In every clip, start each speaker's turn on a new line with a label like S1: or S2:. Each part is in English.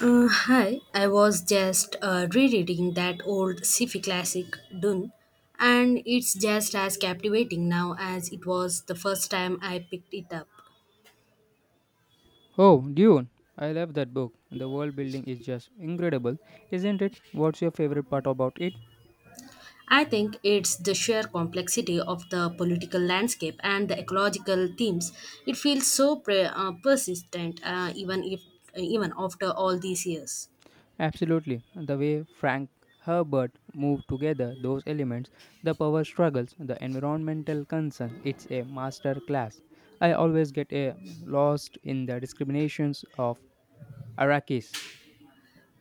S1: Hi, I was just rereading that old sci-fi classic Dune, and it's just as captivating now as it was the first time I picked it up.
S2: Oh, Dune. I love that book. The world building is just incredible, isn't it? What's your favorite part about it?
S1: I think it's the sheer complexity of the political landscape and the ecological themes. It feels so persistent, even if even after all these years.
S2: Absolutely. The way Frank Herbert moved together those elements, the power struggles, the environmental concerns. It's a master class. I always get a lost in the discriminations of Arrakis.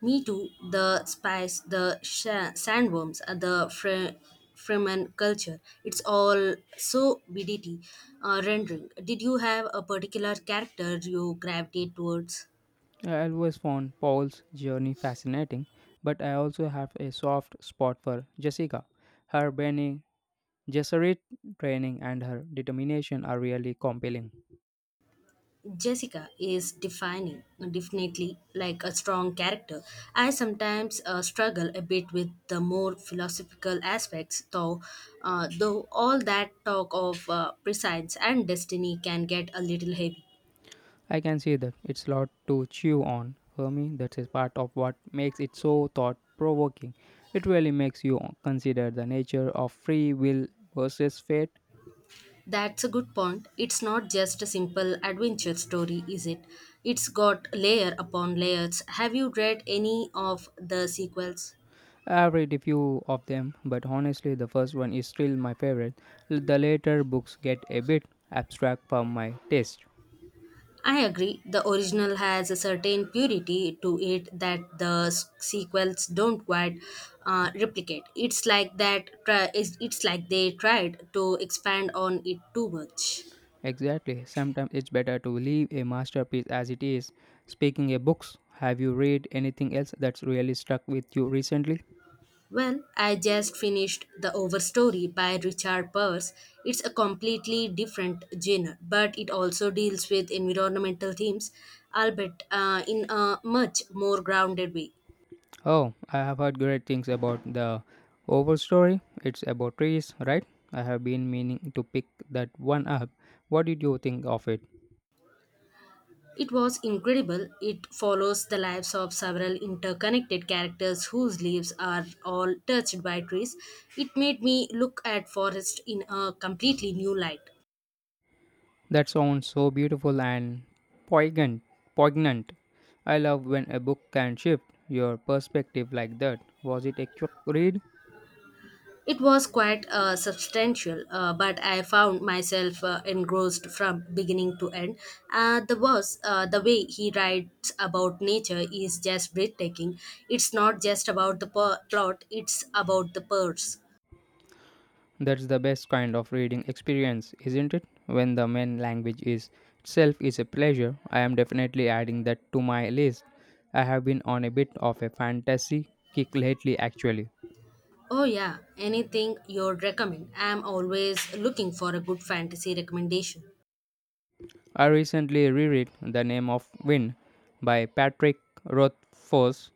S1: Me too. The spice, the sha sandworms, Fremen culture. It's all so BDT rendering. Did you have a particular character you gravitate towards?
S2: I always found Paul's journey fascinating, but I also have a soft spot for Jessica. Her burning Jesuit training and her determination are really compelling.
S1: Jessica is defining, definitely like a strong character. I sometimes struggle a bit with the more philosophical aspects, though. Though all that talk of prescience and destiny can get a little heavy.
S2: I can see that it's a lot to chew on. For me, that is part of what makes it so thought provoking. It really makes you consider the nature of free will versus fate.
S1: That's a good point. It's not just a simple adventure story, is it? It's got layer upon layers. Have you read any of the sequels?
S2: I've read a few of them, but honestly, the first one is still my favorite. The later books get a bit abstract for my taste.
S1: I agree. The original has a certain purity to it that the sequels don't quite replicate. It's like that. Try, it's Like they tried to expand on it too much.
S2: Exactly. Sometimes it's better to leave a masterpiece as it is. Speaking of books, have you read anything else that's really stuck with you recently?
S1: Well, I just finished The Overstory by Richard Purse. It's a completely different genre, but it also deals with environmental themes, albeit in a much more grounded way.
S2: Oh, I have heard great things about the Overstory. It's about trees, right? I have been meaning to pick that one up. What did you think of it?
S1: It was incredible. It follows the lives of several interconnected characters whose lives are all touched by trees. It made me look at forest in a completely new light.
S2: That sounds so beautiful and poignant. Poignant. I love when a book can shift your perspective like that. Was it a quick read?
S1: It was quite substantial, but I found myself engrossed from beginning to end. The way he writes about nature is just breathtaking. It's not just about the plot; it's about the purse.
S2: That's the best kind of reading experience, isn't it? When the main language is itself is a pleasure, I am definitely adding that to my list. I have been on a bit of a fantasy kick lately actually.
S1: Oh yeah, anything you'd recommend. I'm always looking for a good fantasy recommendation.
S2: I recently reread The Name of Wind by Patrick Rothfuss.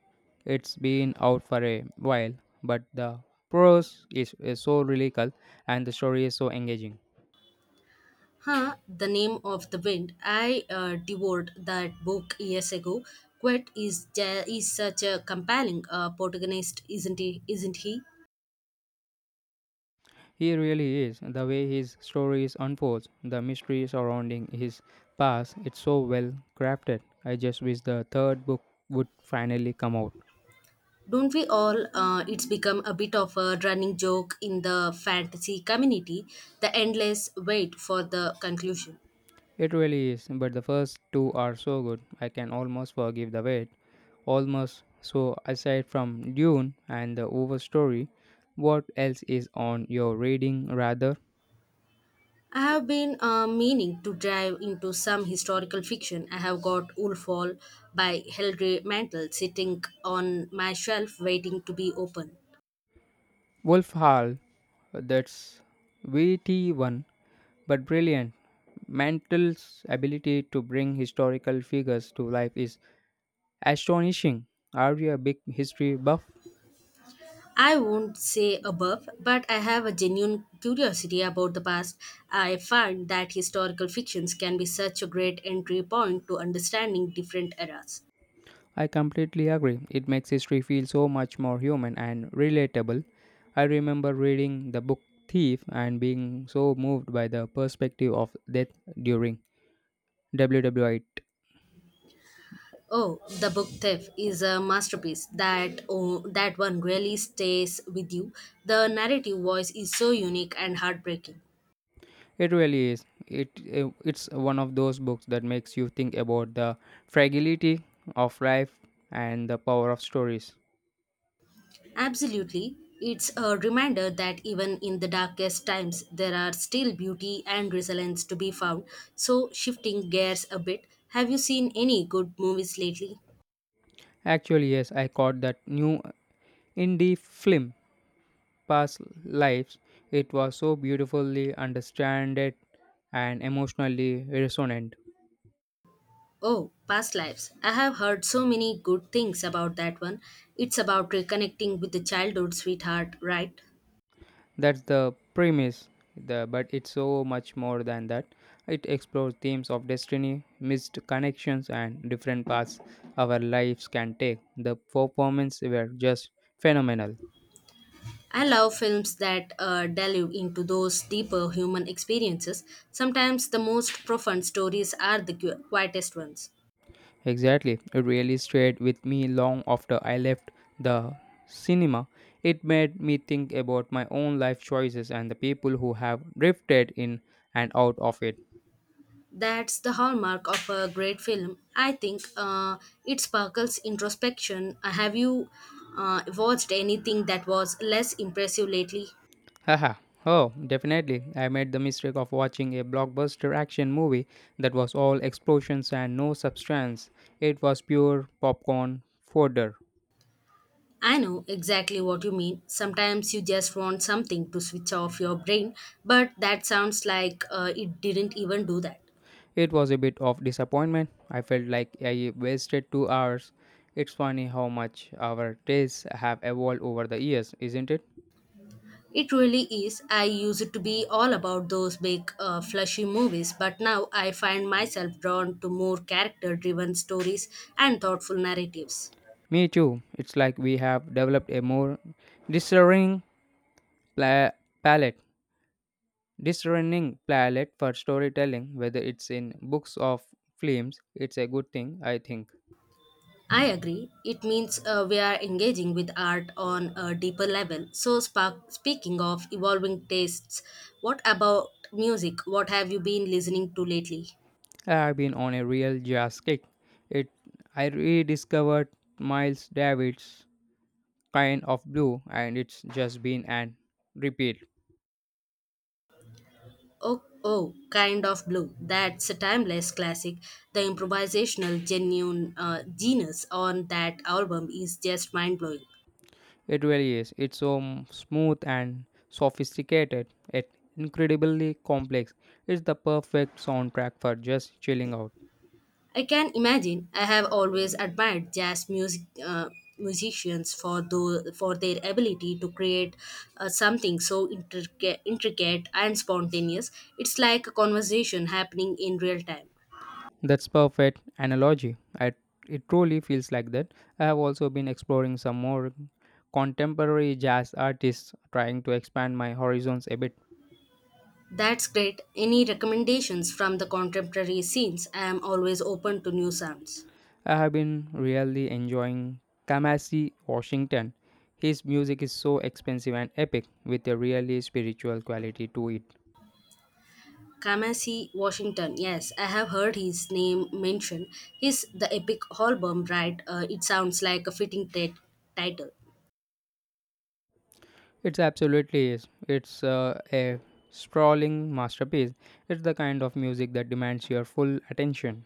S2: It's been out for a while, but the prose is so lyrical and the story is so engaging.
S1: Huh, The Name of the Wind. I devoured that book years ago. Quet is such a compelling protagonist, isn't he?
S2: He really is. The way his stories unfold, the mystery surrounding his past, it's so well crafted. I just wish the third book would finally come out.
S1: Don't we all? It's become a bit of a running joke in the fantasy community. The endless wait for the conclusion.
S2: It really is, but the first two are so good. I can almost forgive the wait. Almost. So, aside from Dune and the overstory, what else is on your reading rather?
S1: I have been meaning to dive into some historical fiction. I have got Wolfall by Hilary Mantel sitting on my shelf waiting to be opened.
S2: Wolf Hall, that's VT1 but brilliant. Mantel's ability to bring historical figures to life is astonishing. Are you a big history buff?
S1: I won't say above, but I have a genuine curiosity about the past. I find that historical fictions can be such a great entry point to understanding different eras.
S2: I completely agree. It makes history feel so much more human and relatable. I remember reading the book Thief and being so moved by the perspective of death during WW8.
S1: Oh, the book Thief is a masterpiece. That one really stays with you. The narrative voice is so unique and heartbreaking.
S2: It really is. It's one of those books that makes you think about the fragility of life and the power of stories.
S1: Absolutely. It's a reminder that even in the darkest times, there are still beauty and resilience to be found. So, shifting gears a bit, have you seen any good movies lately?
S2: Actually, yes, I caught that new indie film, Past Lives. It was so beautifully understanded and emotionally resonant.
S1: Oh, Past Lives. I have heard so many good things about that one. It's about reconnecting with the childhood sweetheart, right?
S2: That's the premise, but it's so much more than that. It explores themes of destiny, missed connections, and different paths our lives can take. The performances were just phenomenal.
S1: I love films that delve into those deeper human experiences. Sometimes the most profound stories are the quietest ones.
S2: Exactly, it really stayed with me long after I left the cinema. It made me think about my own life choices and the people who have drifted in and out of it.
S1: That's the hallmark of a great film. I think it sparkles introspection. Have you watched anything that was less impressive lately?
S2: Haha. Oh, definitely. I made the mistake of watching a blockbuster action movie that was all explosions and no substance. It was pure popcorn fodder.
S1: I know exactly what you mean. Sometimes you just want something to switch off your brain, but that sounds like it didn't even do that.
S2: It was a bit of disappointment. I felt like I wasted 2 hours. It's funny how much our tastes have evolved over the years, isn't it?
S1: It really is. I used to be all about those big, flashy movies, but now I find myself drawn to more character driven stories and thoughtful narratives.
S2: Me too. It's like we have developed a more discerning pla- palette. Discerning palette for storytelling, whether it's in books or films, it's a good thing, I think.
S1: I agree. It means we are engaging with art on a deeper level. So, speaking of evolving tastes, what about music? What have you been listening to lately?
S2: I've been on a real jazz kick. It I rediscovered Miles Davis' kind of blue and it's just been an repeat.
S1: Oh, kind of blue. That's a timeless classic. The improvisational, genuine genius on that album is just mind blowing.
S2: It really is. It's so smooth and sophisticated, yet incredibly complex. It's the perfect soundtrack for just chilling out.
S1: I can imagine. I have always admired jazz music musicians for their ability to create something so intricate and spontaneous. It's like a conversation happening in real time.
S2: That's perfect analogy. It truly feels like that. I have also been exploring some more contemporary jazz artists, trying to expand my horizons a bit.
S1: That's great. Any recommendations from the contemporary scenes? I am always open to new sounds.
S2: I have been really enjoying Kamasi Washington. His music is so expensive and epic, with a really spiritual quality to it.
S1: Kamasi Washington. Yes, I have heard his name mentioned. His the epic album, right? It sounds like a fitting title.
S2: It's absolutely is. It's a sprawling masterpiece. It's the kind of music that demands your full attention.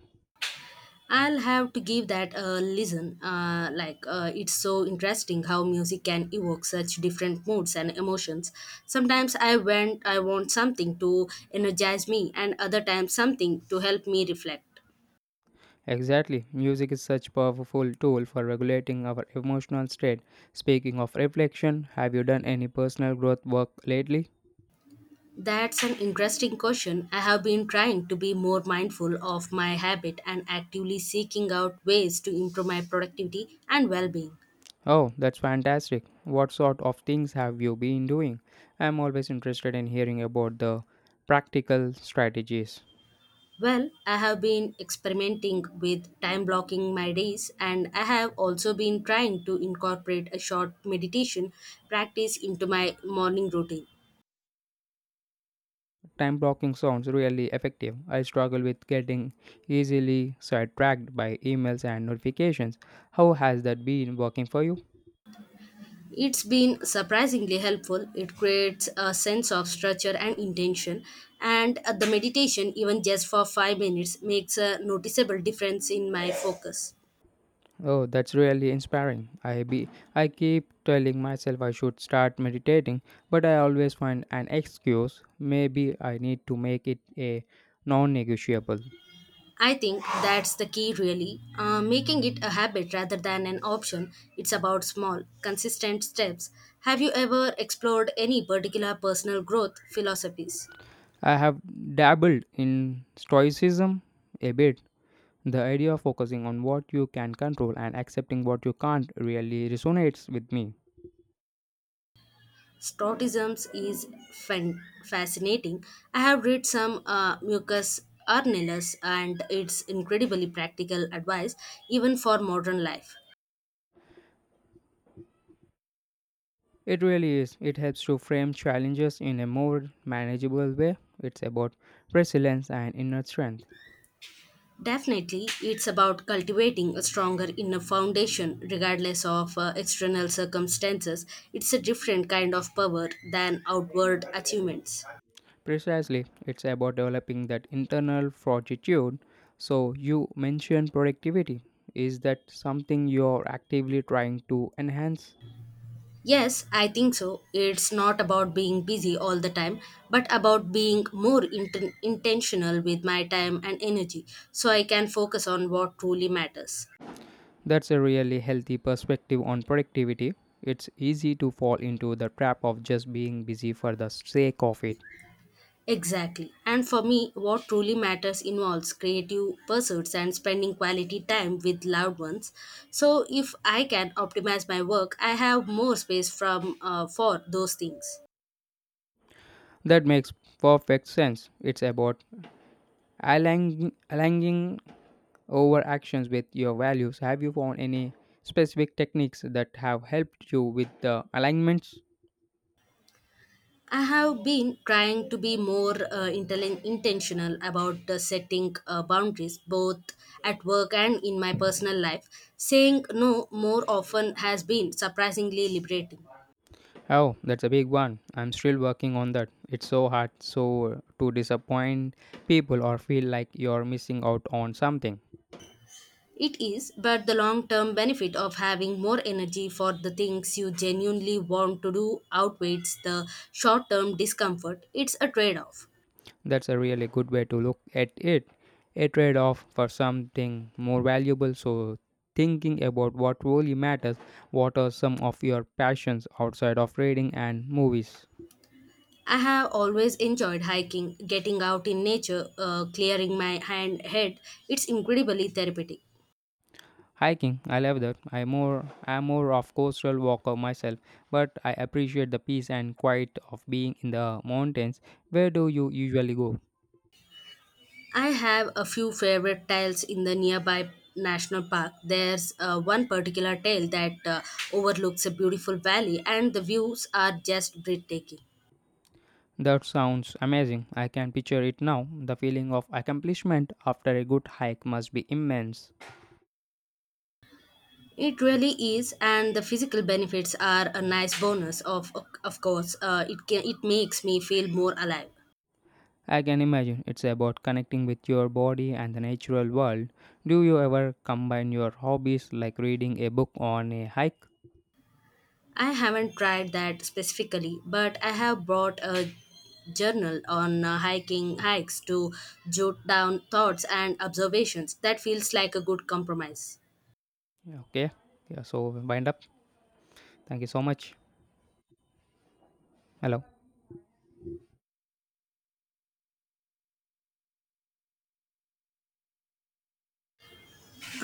S1: I'll have to give that a listen. It's so interesting how music can evoke such different moods and emotions. Sometimes I want something to energize me, and other times something to help me reflect.
S2: Exactly. Music is such powerful tool for regulating our emotional state. Speaking of reflection, have you done any personal growth work lately?
S1: That's an interesting question. I have been trying to be more mindful of my habit and actively seeking out ways to improve my productivity and well-being.
S2: Oh, that's fantastic. What sort of things have you been doing? I'm always interested in hearing about the practical strategies.
S1: Well, I have been experimenting with time blocking my days, and I have also been trying to incorporate a short meditation practice into my morning routine.
S2: Time blocking sounds really effective. I struggle with getting easily sidetracked by emails and notifications. How has that been working for you?
S1: It's been surprisingly helpful. It creates a sense of structure and intention, and the meditation, even just for 5 minutes, makes a noticeable difference in my focus.
S2: Oh, that's really inspiring. I keep telling myself I should start meditating, but I always find an excuse. Maybe I need to make it a non-negotiable.
S1: I think that's the key, really. Making it a habit rather than an option. It's about small, consistent steps. Have you ever explored any particular personal growth philosophies?
S2: I have dabbled in stoicism a bit. The idea of focusing on what you can control and accepting what you can't really resonates with me.
S1: Stoicism is fascinating. I have read some Mucus Arnellus, and it's incredibly practical advice even for modern life.
S2: It really is. It helps to frame challenges in a more manageable way. It's about resilience and inner strength.
S1: Definitely, it's about cultivating a stronger inner foundation regardless of external circumstances. It's a different kind of power than outward achievements.
S2: Precisely, it's about developing that internal fortitude. So, you mentioned productivity. Is that something you're actively trying to enhance?
S1: Yes, I think so. It's not about being busy all the time, but about being more intentional with my time and energy so I can focus on what truly matters.
S2: That's a really healthy perspective on productivity. It's easy to fall into the trap of just being busy for the sake of it.
S1: Exactly. And for me, what truly matters involves creative pursuits and spending quality time with loved ones. So, if I can optimize my work, I have more space from for those things.
S2: That makes perfect sense. It's about aligning over actions with your values. Have you found any specific techniques that have helped you with the alignments?
S1: I have been trying to be more intentional about the setting boundaries, both at work and in my personal life. Saying no more often has been surprisingly liberating.
S2: Oh, that's a big one. I'm still working on that. It's so hard so to disappoint people or feel like you're missing out on something.
S1: It is, but the long term benefit of having more energy for the things you genuinely want to do outweighs the short term discomfort. It's a trade off.
S2: That's a really good way to look at it, a trade-off for something more valuable. So, thinking about what really matters, what are some of your passions outside of reading and movies?
S1: I have always enjoyed hiking, getting out in nature, clearing my head. It's incredibly therapeutic.
S2: Hiking, I love that. I'm more of coastal walker myself, but I appreciate the peace and quiet of being in the mountains. Where do you usually go?
S1: I have a few favorite trails in the nearby national park. There's one particular trail that overlooks a beautiful valley, and the views are just breathtaking.
S2: That sounds amazing. I can picture it now. The feeling of accomplishment after a good hike must be immense.
S1: It really is, and the physical benefits are a nice bonus. Of course, it makes me feel more alive.
S2: I can imagine it's about connecting with your body and the natural world. Do you ever combine your hobbies like reading a book on a hike?
S1: I haven't tried that specifically, but I have brought a journal on hiking hikes to jot down thoughts and observations. That feels like a good compromise.
S2: Okay. Yeah, so wind up. Thank you so much. Hello.